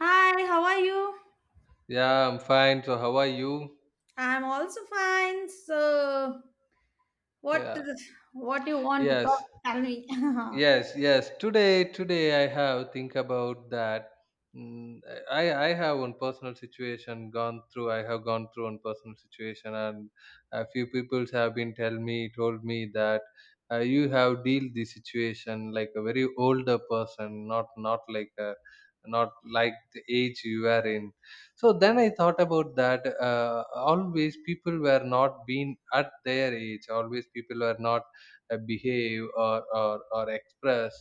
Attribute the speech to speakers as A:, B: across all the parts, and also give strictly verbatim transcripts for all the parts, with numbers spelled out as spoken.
A: Hi, how are you?
B: Yeah, I'm fine. So how are you?
A: I'm also fine. So, what
B: Yeah.
A: what do you want to talk?
B: Yes.
A: Tell me.
B: yes yes today today i have think about that. Mm, i i have one personal situation gone through i have gone through one personal situation, and a few people have been tell me told me that uh, you have dealt the situation like a very older person, not not like a, not like the age you are in. So then I thought about that, uh, always people were not being at their age, always people were not uh, behave, or, or or express,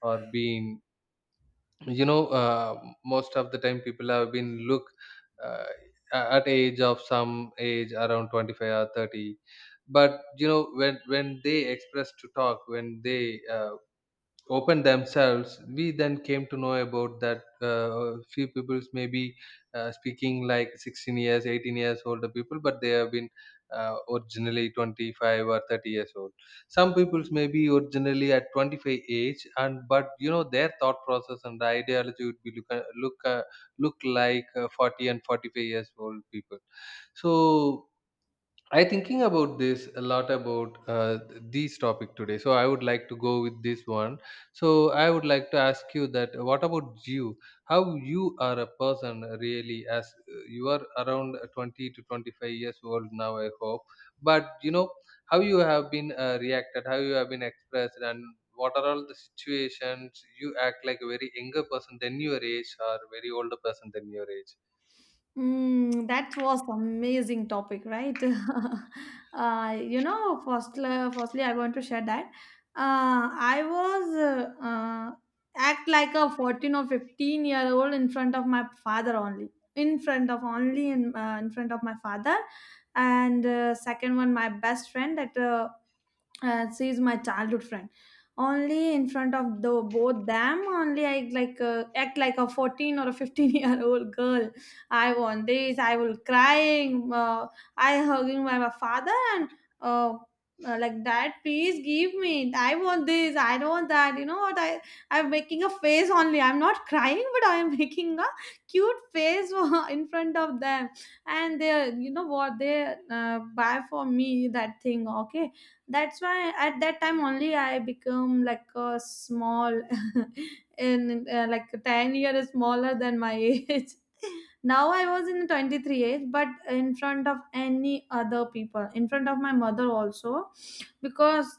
B: or being, you know, uh, most of the time people have been look, uh, a- at age of some age around twenty-five or thirty. But you know, when when they express to talk, when they, uh, open themselves, we then came to know about that, uh, few peoples maybe uh, speaking like sixteen years, eighteen years older people, but they have been uh, originally twenty-five or thirty years old. Some peoples may be originally at twenty-five age, and but you know, their thought process and ideology would be look uh, look uh, look like uh, forty and forty-five years old people. So I thinking about this a lot about uh, this topic today. So I would like to go with this one. So I would like to ask you that, what about you? How you are a person really, as uh, you are around twenty to twenty-five years old now, I hope. But you know, how you have been uh, reacted, how you have been expressed, and what are all the situations you act like a very younger person than your age or very older person than your age.
A: Mm, that was amazing topic, right? Uh, you know, firstly, firstly, I want to share that uh, I was uh, uh, act like a fourteen or fifteen year old in front of my father only, in front of only in uh, in front of my father, and uh, second one, my best friend that uh, uh, she is my childhood friend. Only in front of the both them only I like uh, act like a fourteen or a fifteen year old girl. I want this, I will crying, uh, I hugging my, my father, and uh, uh, like dad please give me, I want this, I don't want that, you know what i i'm making a face only, I'm not crying but I am making a cute face for- in front of them. And they you know what they uh, buy for me that thing, okay. That's why at that time only I become like a small and uh, like ten years smaller than my age. Now I was in twenty-three age, but in front of any other people, in front of my mother also, because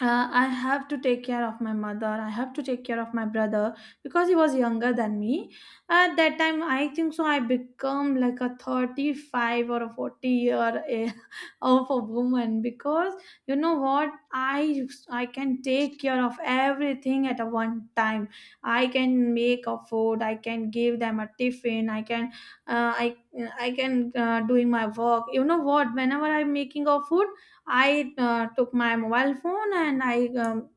A: uh, I have to take care of my mother. I have to take care of my brother because he was younger than me. At that time, I think so, I become like a thirty-five or a forty year a- of a woman because you know what? I I can take care of everything at a one time. I can make a food. I can give them a tiffin. I can uh, I I can uh, doing my work. You know what? Whenever I'm making a food, I uh, took my mobile phone and I um,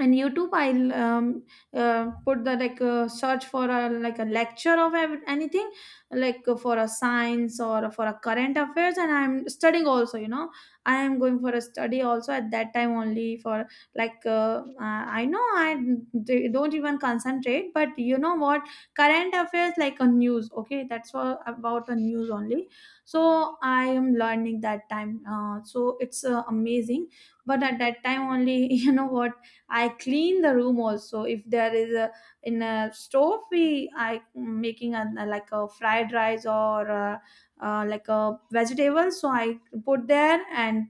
A: and youtube I'll um, uh, put the like uh, search for a like a lecture of ev- anything, like uh, for a science or for a current affairs, and I'm studying also you know. I am going for a study also at that time only, for like uh, uh, I know i d- don't even concentrate, but you know what, current affairs like a news, okay, that's all about a news only. So I am learning that time, uh, so it's uh, amazing. But at that time only you know what, I clean the room also. If there is a in a stove, we I making a like a fried rice or uh, uh, like a vegetable. So I put there and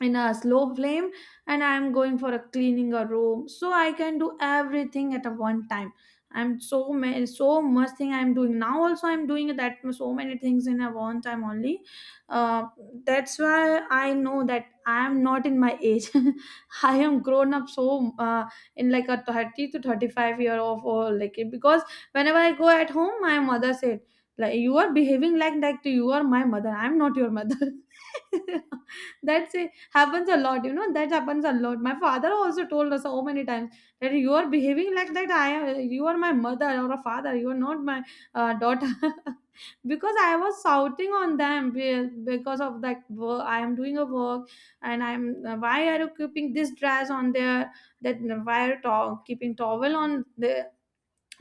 A: in a slow flame, and I am going for a cleaning a room, so I can do everything at a one time. I'm so many so much thing I'm doing, now also I'm doing that so many things in a one time only. uh, that's why I know that I am not in my age. I am grown up, so uh, in like a thirty to thirty-five year of or like. Because whenever I go at home my mother said, like, you are behaving like that, you are my mother, I'm not your mother. That's it, happens a lot, you know, that happens a lot. My father also told us so many times that you are behaving like that, I am, you are my mother or a father, you are not my uh, daughter. Because I was shouting on them be- because of that work, I am doing a work, and I'm uh, why are you keeping this dress on there. That why are you to- keeping towel on the,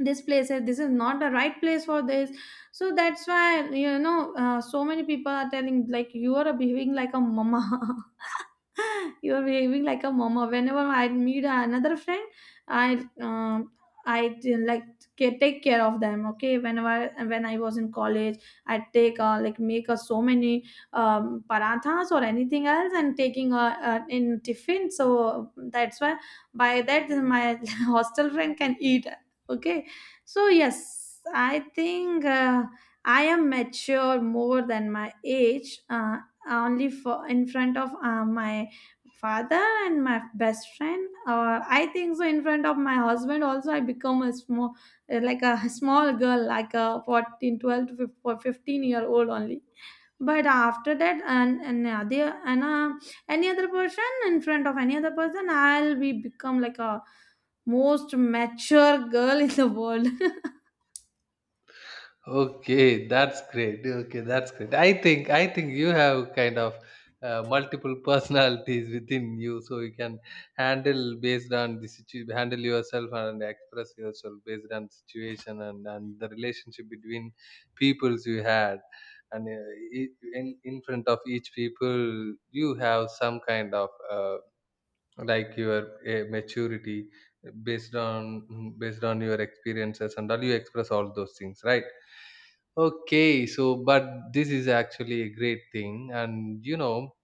A: this place is, this is not the right place for this. So that's why, you know, uh, so many people are telling like you are behaving like a mama. You are behaving like a mama whenever I meet another friend. I um, i d- like ca- take care of them, okay. Whenever, when I was in college, I take uh, like make uh, so many um, parathas or anything else and taking uh, uh, in tiffin, so that's why by that my hostel friend can eat, okay. So, yes, I think uh, I am mature more than my age, uh, only for in front of uh, my father and my best friend. Or I think so, in front of my husband also I become a small uh, like a small girl, like a fourteen twelve to fifteen or fifteen year old only. But after that and and other, and uh, any other person, in front of any other person, I'll be become like a most mature girl in the world.
B: Okay, that's great. Okay, that's great. I think, I think you have kind of uh, multiple personalities within you, so you can handle based on the situ, handle yourself and express yourself based on situation and and the relationship between peoples you had, and uh, e- in in front of each people you have some kind of, uh, like your uh, maturity based on based on your experiences and all, you express all those things, right? Okay, so but this is actually a great thing, and you know,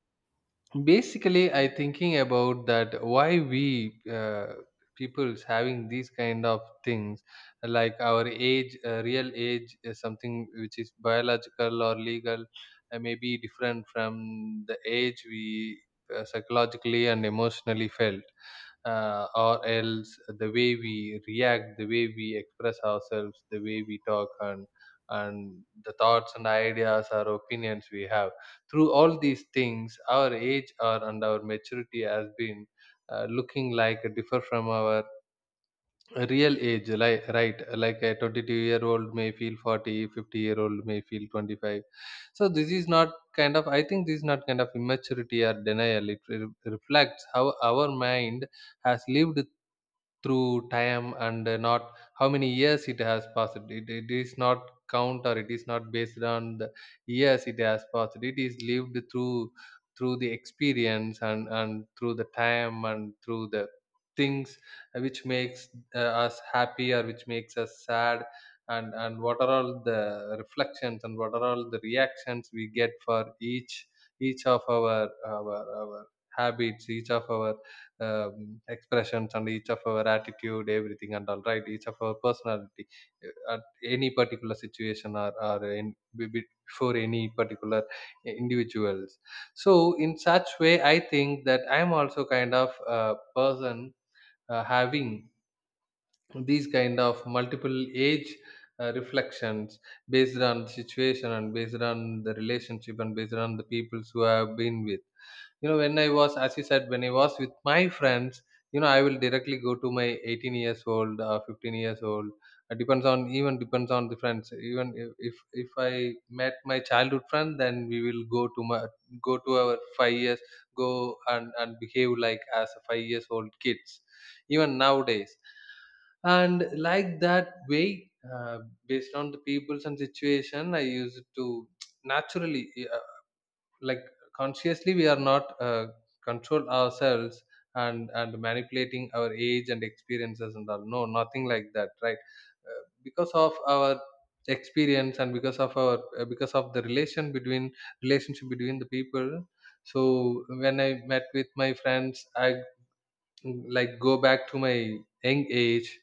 B: basically, I thinking about that, why we, uh, people's having these kind of things, like our age, uh, real age, is something which is biological or legal, uh, may be different from the age we uh, psychologically and emotionally felt, uh, or else the way we react, the way we express ourselves, the way we talk, and and the thoughts and ideas or opinions we have. Through all these things, our age or and our maturity has been, uh, looking like differ from our real age, like, right, like a 22 year old may feel forty, fifty year old may feel twenty-five. So this is not kind of, I think this is not kind of immaturity or denial. It re- reflects how our mind has lived through time, and uh, not how many years it has passed. It, it is not count, or it is not based on the years it has passed. It is lived through through the experience, and and through the time, and through the things which makes uh, us happy, or which makes us sad, and and what are all the reflections and what are all the reactions we get for each, each of our our, our habits, each of our um, expressions, and each of our attitude, everything, and all right, each of our personality uh, at any particular situation, or, or in, be- be- before any particular individuals. So in such way, I think that I am also kind of a person uh, having these kind of multiple age uh, reflections based on the situation and based on the relationship and based on the peoples who I have been with. You know, when I was, as you said, when I was with my friends, you know, I will directly go to my eighteen years old, uh, fifteen years old. It depends on, even depends on the friends, even if if if I met my childhood friend, then we will go to my, go to our five years go, and and behave like as a five years old kids, even nowadays. And like that way, uh, based on the peoples and situation, I used to naturally, uh, like, consciously, we are not, uh, control ourselves, and and manipulating our age and experiences and all, no, nothing like that, right? Uh, because of our experience, and because of our, uh, because of the relation between relationship between the people. So when I met with my friends, I, like, go back to my young age,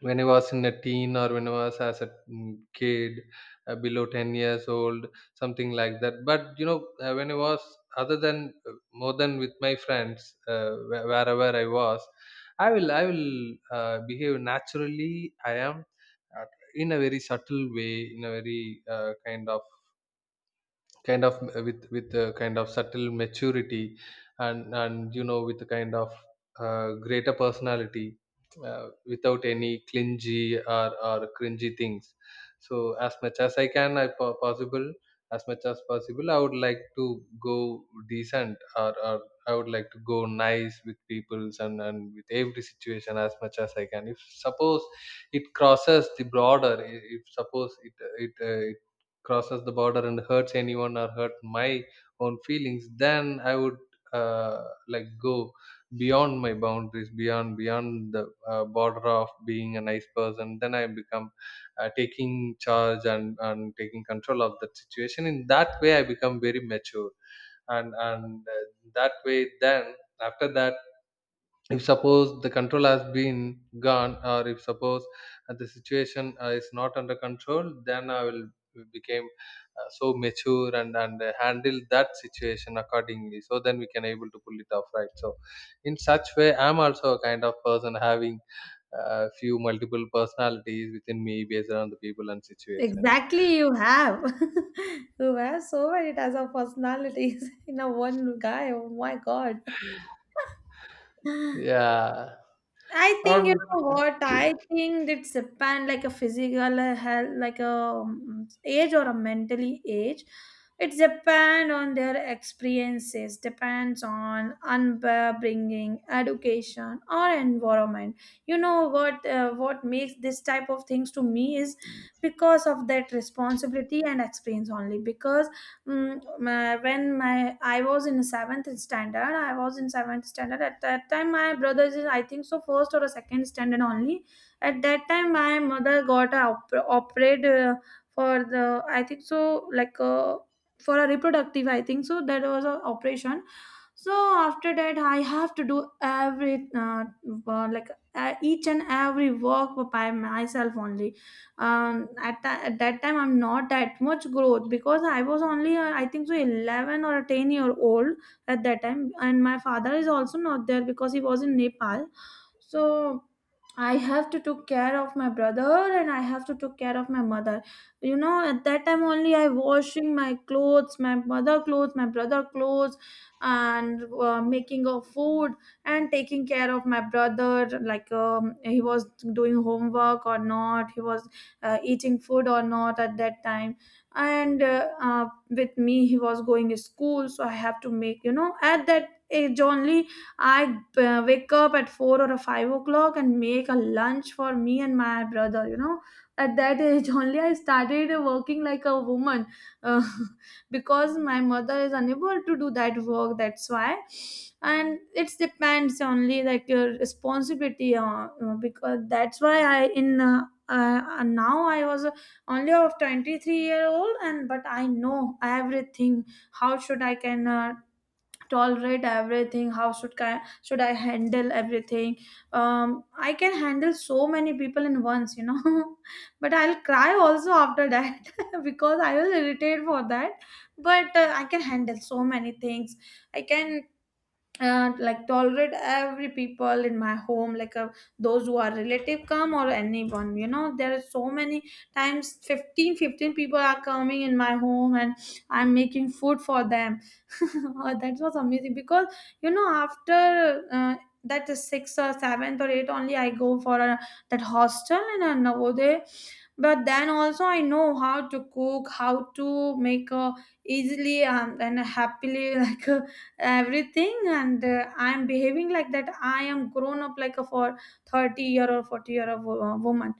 B: when I was in a teen, or when I was as a mm, kid, uh, below ten years old, something like that. But you know, uh, when I was other than, uh, more than with my friends, uh, wh- wherever I was, I will, I will uh, behave naturally. I am, uh, in a very subtle way, in a very, uh, kind of, kind of uh, with, with a kind of subtle maturity, and and you know, with a kind of uh, greater personality uh, without any clingy, or or cringy things. So as much as I can I po- possible, as much as possible, I would like to go decent, or, or I would like to go nice with peoples, and and with every situation as much as I can. If suppose it crosses the border, i- if suppose it, it uh, crosses the border and hurts anyone, or hurt my own feelings, then I would, uh, like, go beyond my boundaries, beyond, beyond the uh, border of being a nice person, then I become, uh, taking charge, and and taking control of that situation. In that way, I become very mature, and and uh, that way, then, after that, if suppose the control has been gone, or if suppose, uh, the situation, uh, is not under control, then I will became, uh, so mature, and and uh, handle that situation accordingly, so then we can able to pull it off, right? So in such way, I'm also a kind of person having uh, few multiple personalities within me based on the people and situations.
A: Exactly, you have. You have so many types of personalities in a one guy. Oh my God.
B: Yeah.
A: I think, you
B: um
A: know what, I think it's depend like a physical health, like a um, age or a mentally age. It's depend on their experiences, depends on upbringing, education or environment. You know what, uh, what makes this type of things to me is because of that responsibility and experience only. Because Mm, my, when my I was in seventh standard, I was in seventh standard. At that time, my brother is, I think so, first or a second standard only. At that time, my mother got a op- operate, uh, for the, I think so, like uh, for a reproductive, I think so that was a operation. So after that I have to do every uh, uh, like uh, each and every work by myself only. Um, at, tha- at that time I'm not that much growth because I was only uh, I think so eleven or a ten year old at that time, and my father is also not there because he was in nepal. So I have to took care of my brother, and I have to took care of my mother. You know, at that time only I washing my clothes, my mother clothes, my brother clothes, and uh, making of food, and taking care of my brother, like um, he was doing homework or not, he was uh, eating food or not at that time. And uh, uh, with me he was going to school, so I have to make, you know, at that age only I uh, wake up at four or five o'clock and make a lunch for me and my brother, you know. At that age only I started working like a woman, uh, because my mother is unable to do that work, that's why. And it depends only like your responsibility, uh, uh, because that's why I in uh, uh, now I was only of twenty-three year old, and but I know everything. How should I can uh, tolerate everything, how should I, should I handle everything. um I can handle so many people in once, you know. But I'll cry also after that because I will irritate for that. But uh, I can handle so many things. I can and like tolerate every people in my home, like uh, those who are relative come or anyone. You know, there are so many times fifteen, fifteen people are coming in my home, and I'm making food for them. Oh, that was amazing because, you know, after uh, that is sixth or seventh or eighth only I go for a, that hostel in a navodaya. But then also I know how to cook, how to make a easily, um, and happily like uh, everything. And uh, I'm behaving like that I am grown up like a for thirty year or forty year of wo- woman.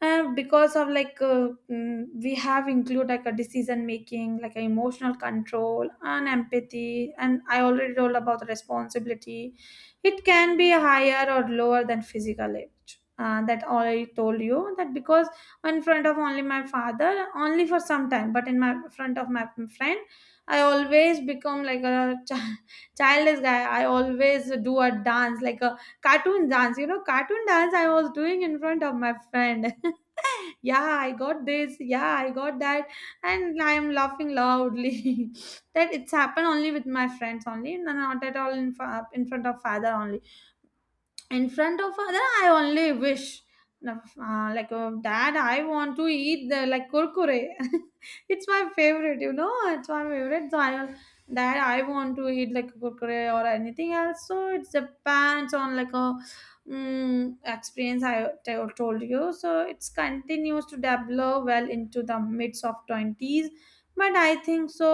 A: uh, Because of like uh, mm, we have include like a decision making, like emotional control and empathy, and I already told about the responsibility. It can be higher or lower than physical age, uh, that I told you that. Because in front of only my father only for some time, but in my front of my friend I always become like a chi- childish guy. I always do a dance like a cartoon dance, you know, cartoon dance I was doing in front of my friend. Yeah I got this, yeah I got that, and I'm laughing loudly. That it's happened only with my friends only. No, not at all in, fa- in front of father only. In front of other I only wish uh, like uh, dad I want to eat the like kurkure. It's my favorite, you know, it's my favorite, so I that I want to eat like kurkure or anything else. So it depends on like a mm, experience, I t- told you. So it's continues to develop well into the mids of twenties. But I think so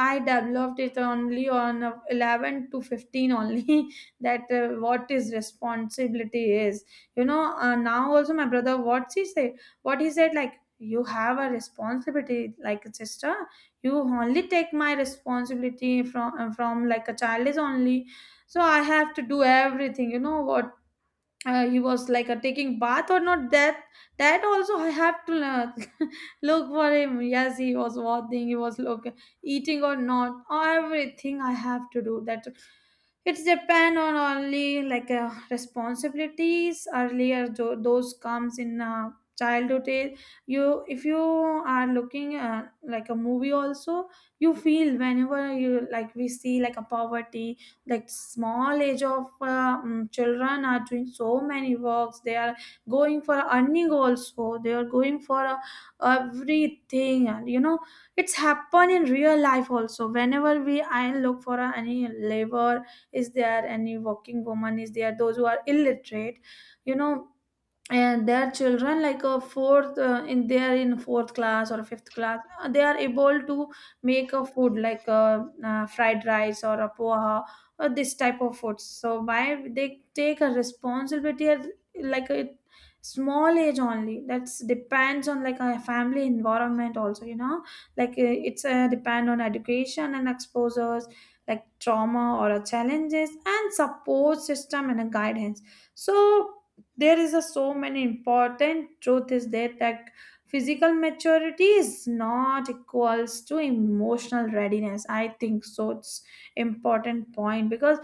A: I developed it only on uh, eleven to fifteen only. That uh, what his responsibility is. You know, uh, now also my brother what he said, what he said, like, you have a responsibility like sister. You only take my responsibility from uh, from like a child is only. So I have to do everything, you know what? Uh, he was like uh, taking bath or not, that that also I have to learn. Look for him. Yes, he was walking, he was look, eating or not, everything I have to do that. It's depend on only like uh, responsibilities earlier, tho- those comes in uh, childhood age. You if you are looking uh, like a movie also, you feel whenever you like we see like a poverty, like small age of uh, mm, children are doing so many works. They are going for earning also, they are going for uh, everything, and you know it's happen in real life also. Whenever we I look for uh, any labor is there, any working woman is there, those who are illiterate, you know, and their children like a fourth uh, in they are in fourth class or fifth class, uh, they are able to make a food like a uh, fried rice or a poha or this type of food. So why they take a responsibility at like a small age only? That's depends on like a family environment also, you know, like uh, it's uh, depend on education and exposures, like trauma or a challenges and support system and a guidance. So there is a so many important truth is there that physical maturity is not equals to emotional readiness. I think so it's important point because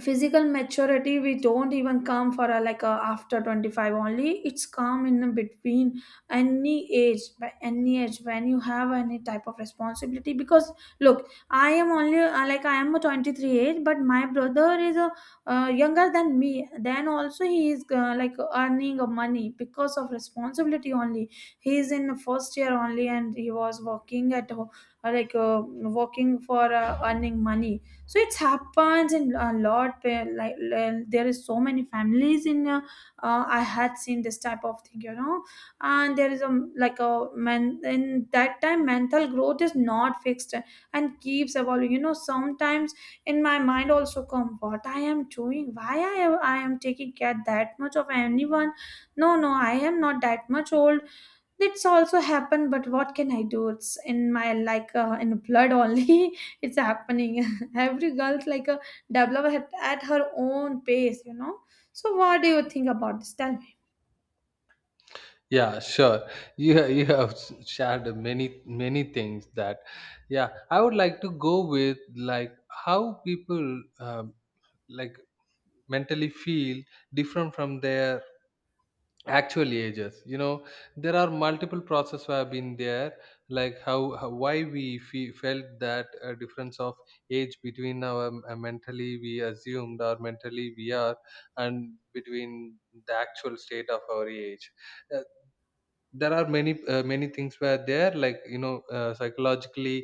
A: physical maturity we don't even come for a, like a, after twenty-five only, it's come in between any age, by any age, when you have any type of responsibility. Because look, I am only uh, like I am a twenty-three age, but my brother is a, uh, younger than me, then also he is uh, like earning a money because of responsibility only. He is in first year only and he was working at ho- uh, like uh, working for uh, earning money. So it happens in a lot where like l- there is so many families in uh, uh, I had seen this type of thing, you know. And there is a like a man, in that time mental growth is not fixed and keeps evolving, you know. Sometimes in my mind also come, what I am doing, why i, I am taking care that much of anyone? No, no, I am not that much old. That's also happened, but what can I do, it's in my like uh, in blood only. It's happening. Every girl's like a developer at, at her own pace, you know. So what do you think about this, tell me?
B: yeah, sure. You ha- you have s- shared many many things, that, yeah, I would like to go with, like, how people, um, like, mentally feel different from their actual ages. You know, there are multiple process have been there, like, how, how why we fe- felt that, uh, difference of age between our, uh, mentally we assumed, or mentally we are, and between the actual state of our age. Uh, there are many, uh, many things were there, like, you know, uh, psychologically,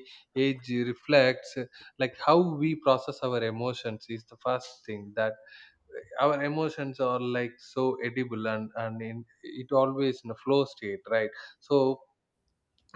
B: age reflects, uh, like, how we process our emotions is the first thing, that our emotions are like so edible, and and in, it always in a flow state, right? So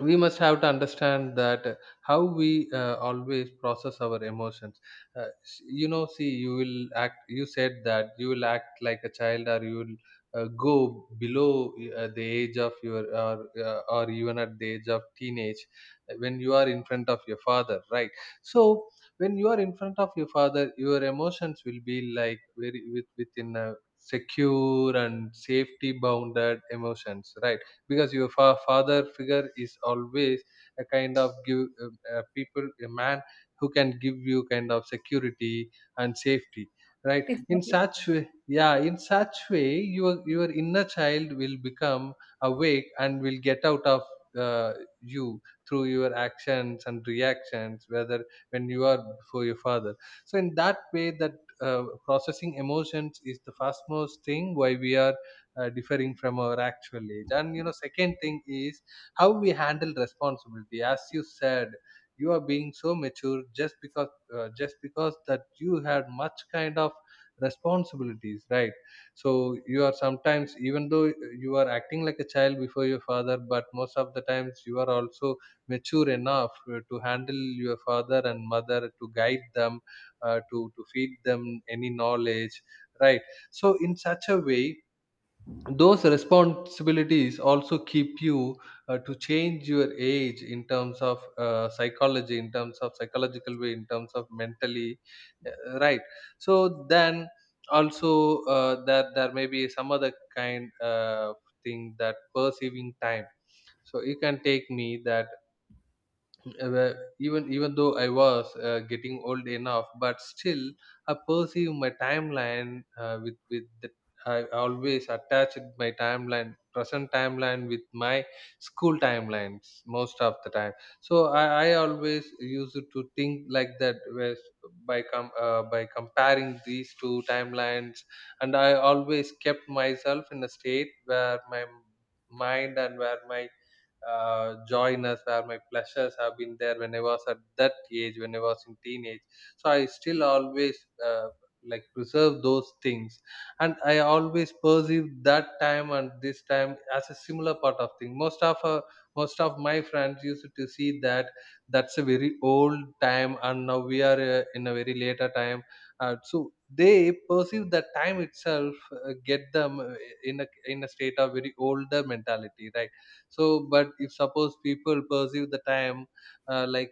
B: we must have to understand that, uh, how we, uh, always process our emotions. Uh, s- you know, see, you will act, you said that you will act like a child, or you will, uh, go below, uh, the age of your, or, uh, or even at the age of teenage, uh, when you are in front of your father, right? So when you are in front of your father, your emotions will be like very with, within a secure and safety bounded emotions, right? Because your fa- father figure is always a kind of give, uh, uh, people a man who can give you kind of security and safety, right? In
A: Exactly,
B: such way, yeah, in such way your your inner child will become awake and will get out of, uh, you, through your actions and reactions, whether, when you are before your father. So in that way, that, uh, processing emotions is the fast most thing, why we are, uh, differing from our actual age. And you know, second thing is, how we handle responsibility. As you said, you are being so mature just because, uh, just because that you had much kind of responsibilities, right? So you are sometimes, even though you are acting like a child before your father, but most of the times you are also mature enough uh, to handle your father and mother, to guide them, uh, to to feed them any knowledge, right? So in such a way, those responsibilities also keep you, uh, to change your age in terms of, uh, psychology, in terms of psychological way, in terms of mentally, uh, right? So then, also, uh, that there may be some other kind, uh, thing, that perceiving time. So you can take me that, uh, where, even, even though I was, uh, getting old enough, but still I perceive my timeline, uh, with, with the, I always attached my timeline, present timeline, with my school timelines most of the time. So I, I always used to think like that was by com- uh, by comparing these two timelines, and I always kept myself in a state where my mind and where my uh, joyness, where my pleasures have been there when I was at that age, when I was in teenage. So I still always uh, like preserve those things. And I always perceive that time and this time as a similar part of thing. Most of uh, most of my friends used to see that that's a very old time, and now we are uh, in a very later time. Uh, so they perceive that time itself uh, get them uh, in a in a state of very older mentality, right? So, but if suppose people perceive the time uh, like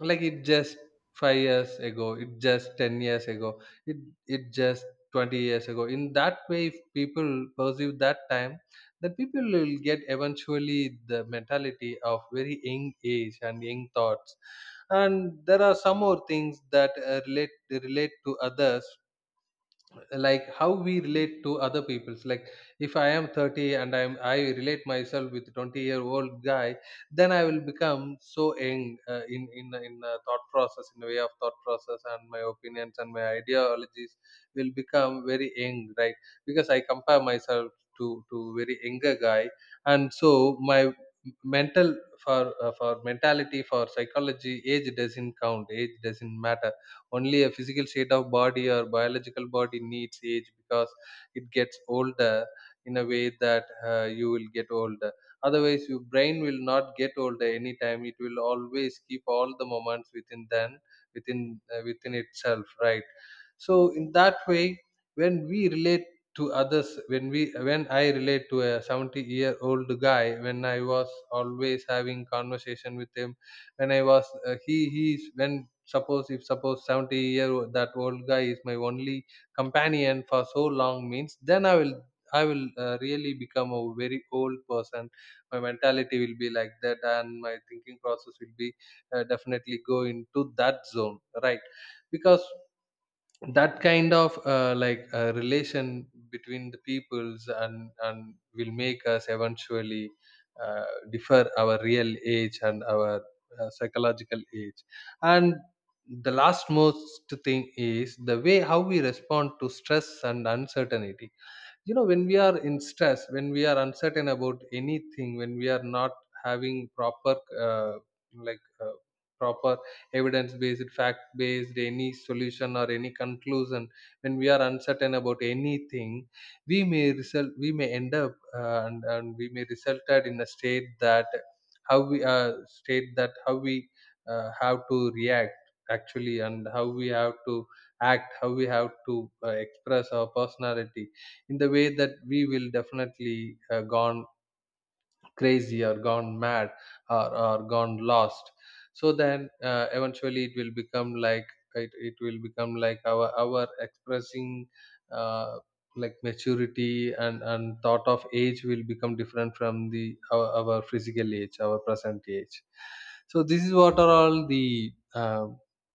B: like it just five years ago, it just ten years ago, it it just twenty years ago. In that way, if people perceive that time, then people will get eventually the mentality of very young age and young thoughts. And there are some more things that uh, relate relate to others, like how we relate to other people's, like if I am thirty and i'm i relate myself with twenty year old guy, then I will become so young uh, in in in uh, thought process, in a way of thought process, and my opinions and my ideologies will become very young, right? Because I compare myself to to very younger guy, and so my mental for uh, for mentality, for psychology, age doesn't count, age doesn't matter. Only a physical state of body or biological body needs age, because it gets older in a way that uh, you will get older. Otherwise, your brain will not get older anytime, it will always keep all the moments within then, within uh, within itself, right? So in that way, when we relate to others, when we when i relate to a seventy year old guy, when I was always having conversation with him, when I was uh, he he's when suppose if suppose seventy year old, that old guy is my only companion for so long means, then i will i will uh, really become a very old person. My mentality will be like that, and my thinking process will be uh, definitely go into that zone, right? Because that kind of uh, like uh, relation between the peoples and and will make us eventually uh, differ our real age and our uh, psychological age. And the last most thing is the way how we respond to stress and uncertainty. You know, when we are in stress, when we are uncertain about anything, when we are not having proper uh, like uh, proper evidence based fact based any solution or any conclusion. When we are uncertain about anything, we may result we may end up uh, and, and we may resulted in a state that how we uh, state that how we uh, have to react actually, and how we have to act, how we have to uh, express our personality, in the way that we will definitely uh, gone crazy or gone mad or, or gone lost. So then uh, eventually it will become like it, it will become like our our expressing uh, like maturity and and thought of age will become different from the our, our physical age, our present age. So this is what are all the uh,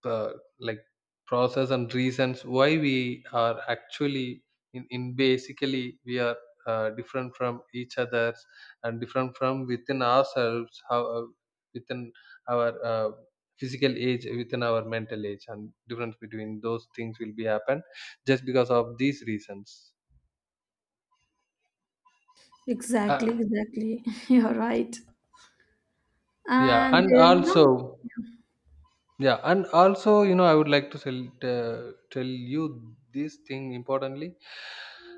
B: uh, like process and reasons why we are actually in, in basically we are uh, different from each other, and different from within ourselves, how uh, within our uh, physical age, within our mental age, and difference between those things will be happen just because of these reasons. uh,
A: exactly. Exactly you're right.
B: yeah
A: And uh,
B: and
A: you know,
B: also yeah and also you know, I would like to tell, uh, tell you this thing importantly,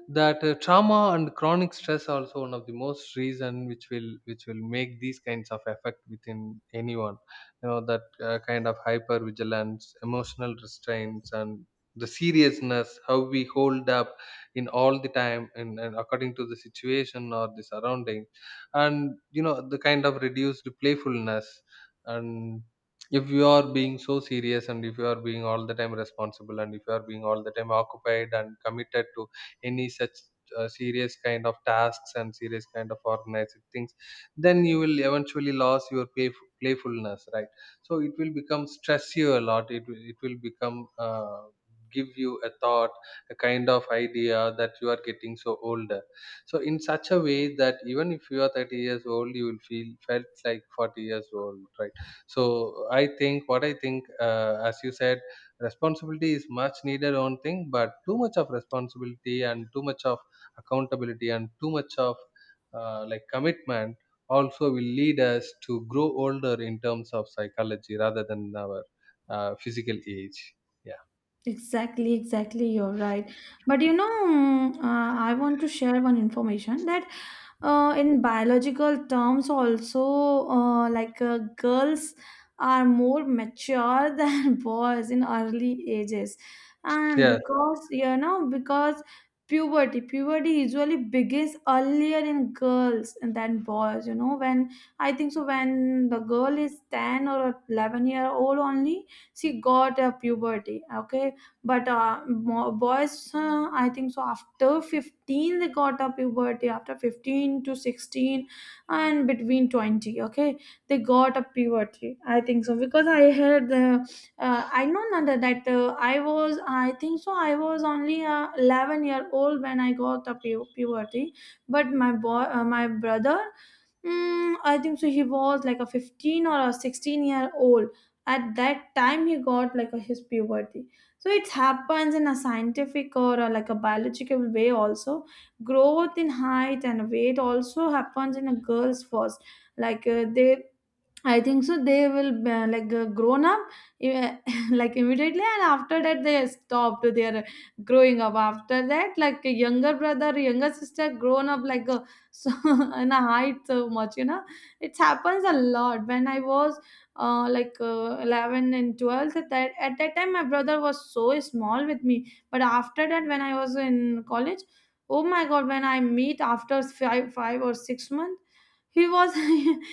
B: that uh, trauma and chronic stress are also one of the most reason which will which will make these kinds of effect within anyone. You know, that uh, kind of hyper vigilance, emotional restraints, and the seriousness how we hold up in all the time, and, and according to the situation or the surrounding. And you know the kind of reduced playfulness. And if you are being so serious, and if you are being all the time responsible, and if you are being all the time occupied and committed to any such uh, serious kind of tasks and serious kind of organized things, then you will eventually lose your playf- playfulness, right? So it will become stress you a lot, it will, it will become uh, give you a thought, a kind of idea that you are getting so older. So in such a way that even if you are thirty years old, you will feel felt like forty years old, right? So I think, what I think, uh, as you said, responsibility is much needed on thing, but too much of responsibility and too much of accountability and too much of uh, like commitment also will lead us to grow older in terms of psychology rather than our uh, physical age. Yeah,
A: exactly exactly, you're right. But you know, mm, uh, I want to share one information that uh, in biological terms also, uh, like uh, girls are more mature than boys in early ages. And
B: yeah.
A: because you know, because puberty, puberty usually begins earlier in girls than boys, you know. When I think so, when the girl is ten or eleven year old only, she got a puberty. Okay, but uh, mo- boys, uh, I think so after fifteen they got a puberty, after fifteen to sixteen and between twenty. Okay, they got a puberty, I think so, because I heard uh, uh, I know Nanda, that uh, I was I think so I was only uh, eleven year old when I got a pu- puberty. But my boy uh, my brother, mm, I think so, he was like a fifteen or a sixteen year old. At that time, he got like a, his puberty. So it happens in a scientific or a, like a biological way also. Growth in height and weight also happens in a girl's first. Like uh, they, I think so they will uh, like uh, grown up uh, like immediately, and after that they stopped their growing up. After that, like a younger brother, younger sister, grown up like a, so in a height so much. You know, it happens a lot. When I was uh, like uh, eleven and twelve, at that at that time my brother was so small with me. But after that, when I was in college, oh my god, when I meet after five five or six months, he was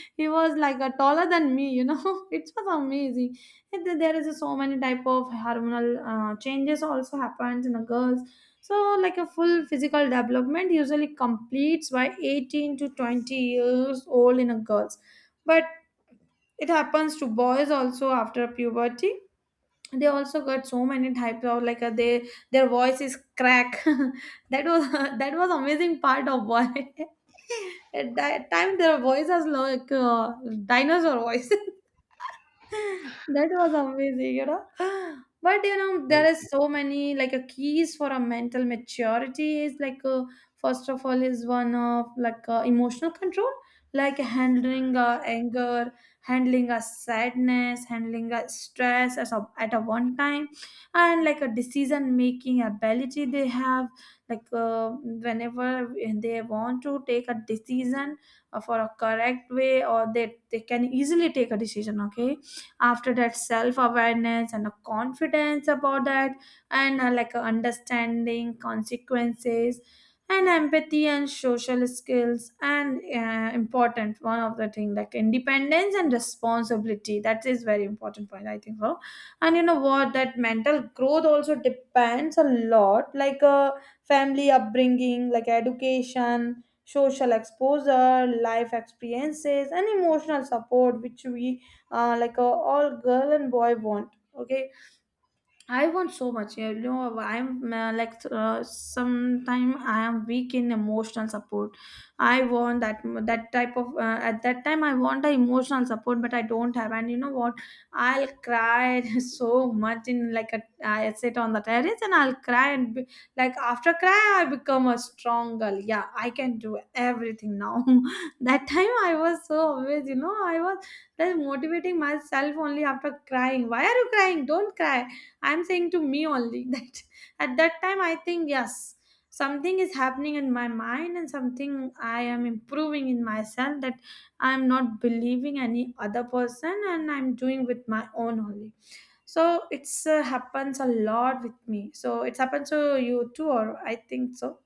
A: he was like a taller than me, you know. It was amazing. And then there is so many type of hormonal uh, changes also happens in the girls. So like a full physical development usually completes by eighteen to twenty years old in a girls, but it happens to boys also after puberty. They also got so many types of like uh, they, their voice is crack. That was that was amazing part of why. At that time their voice was like uh, dinosaur voice. That was amazing, you know. But you know, there is so many like a keys for a mental maturity, is like uh, first of all is one of like uh, emotional control, like handling uh, anger, handling a sadness, handling a stress as a, at a one time. And like a decision making ability they have, like uh, whenever they want to take a decision uh, for a correct way, or they, they can easily take a decision. Okay, after that, self-awareness and a confidence about that, and uh, like a understanding consequences and empathy and social skills, and uh, important one of the thing like independence and responsibility, that is very important point I think so. And you know what, that mental growth also depends a lot like uh, family upbringing, like education, social exposure, life experiences and emotional support, which we uh, like uh, all girl and boy want. Okay, I want so much. You know, I'm uh, like uh, sometime I am weak in emotional support. I want that, that type of uh, at that time I want the emotional support, but I don't have. And you know what? I'll cry so much in like a, I sit on the terrace and I'll cry and be, like after cry I become a strong girl. Yeah, I can do everything now. That time I was so always, you know, I was just motivating myself only after crying. Why are you crying? Don't cry, I'm saying to me only. That at that time I think yes, something is happening in my mind and something I am improving in myself, that I'm not believing any other person and I'm doing with my own only. So it's uh, happens a lot with me. So it's happened to you too, or I think so.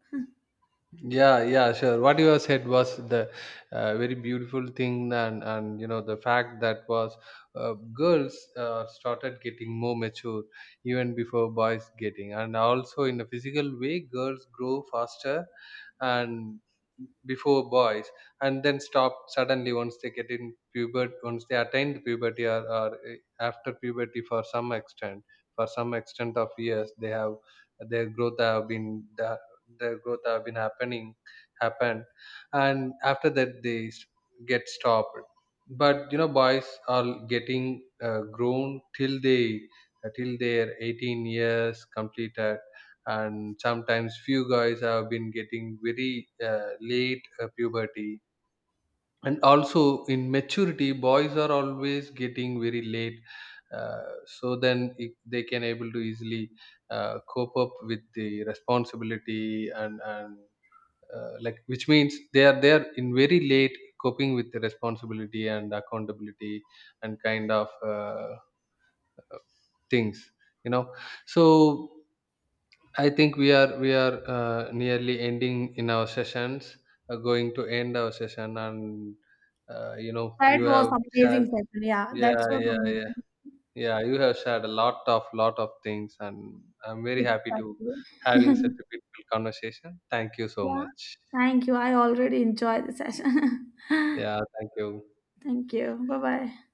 B: Yeah, yeah, sure. What you have said was the uh, very beautiful thing, and and you know, the fact that was uh, girls uh, started getting more mature even before boys getting, and also in a physical way, girls grow faster and before boys, and then stop suddenly once they get in puberty, once they attain puberty or, or eh, after puberty for some extent, for some extent of years, they have their growth have been uh, the growth have been happening happened, and after that they s- get stopped. But you know, boys are getting uh, grown till they uh, till their eighteen years completed, and sometimes few guys have been getting very uh, late uh, puberty. And also, in maturity, boys are always getting very late, uh, so then it, they can able to easily uh, cope up with the responsibility and and uh, like, which means they are there in very late, coping with the responsibility and accountability and kind of uh, things, you know. So I think we are we are uh, nearly ending in our sessions. Uh, going to end our session, and uh, you know,
A: That
B: you
A: was
B: have shared.
A: amazing session, yeah, that's
B: Yeah,
A: was
B: yeah, yeah,
A: amazing.
B: yeah, you have shared a lot of lot of things, and I'm very happy to
A: Exactly.
B: having such a beautiful conversation. Thank you so
A: Yeah,
B: much.
A: thank you. I already enjoyed the session.
B: Yeah, thank you.
A: Thank you, bye bye.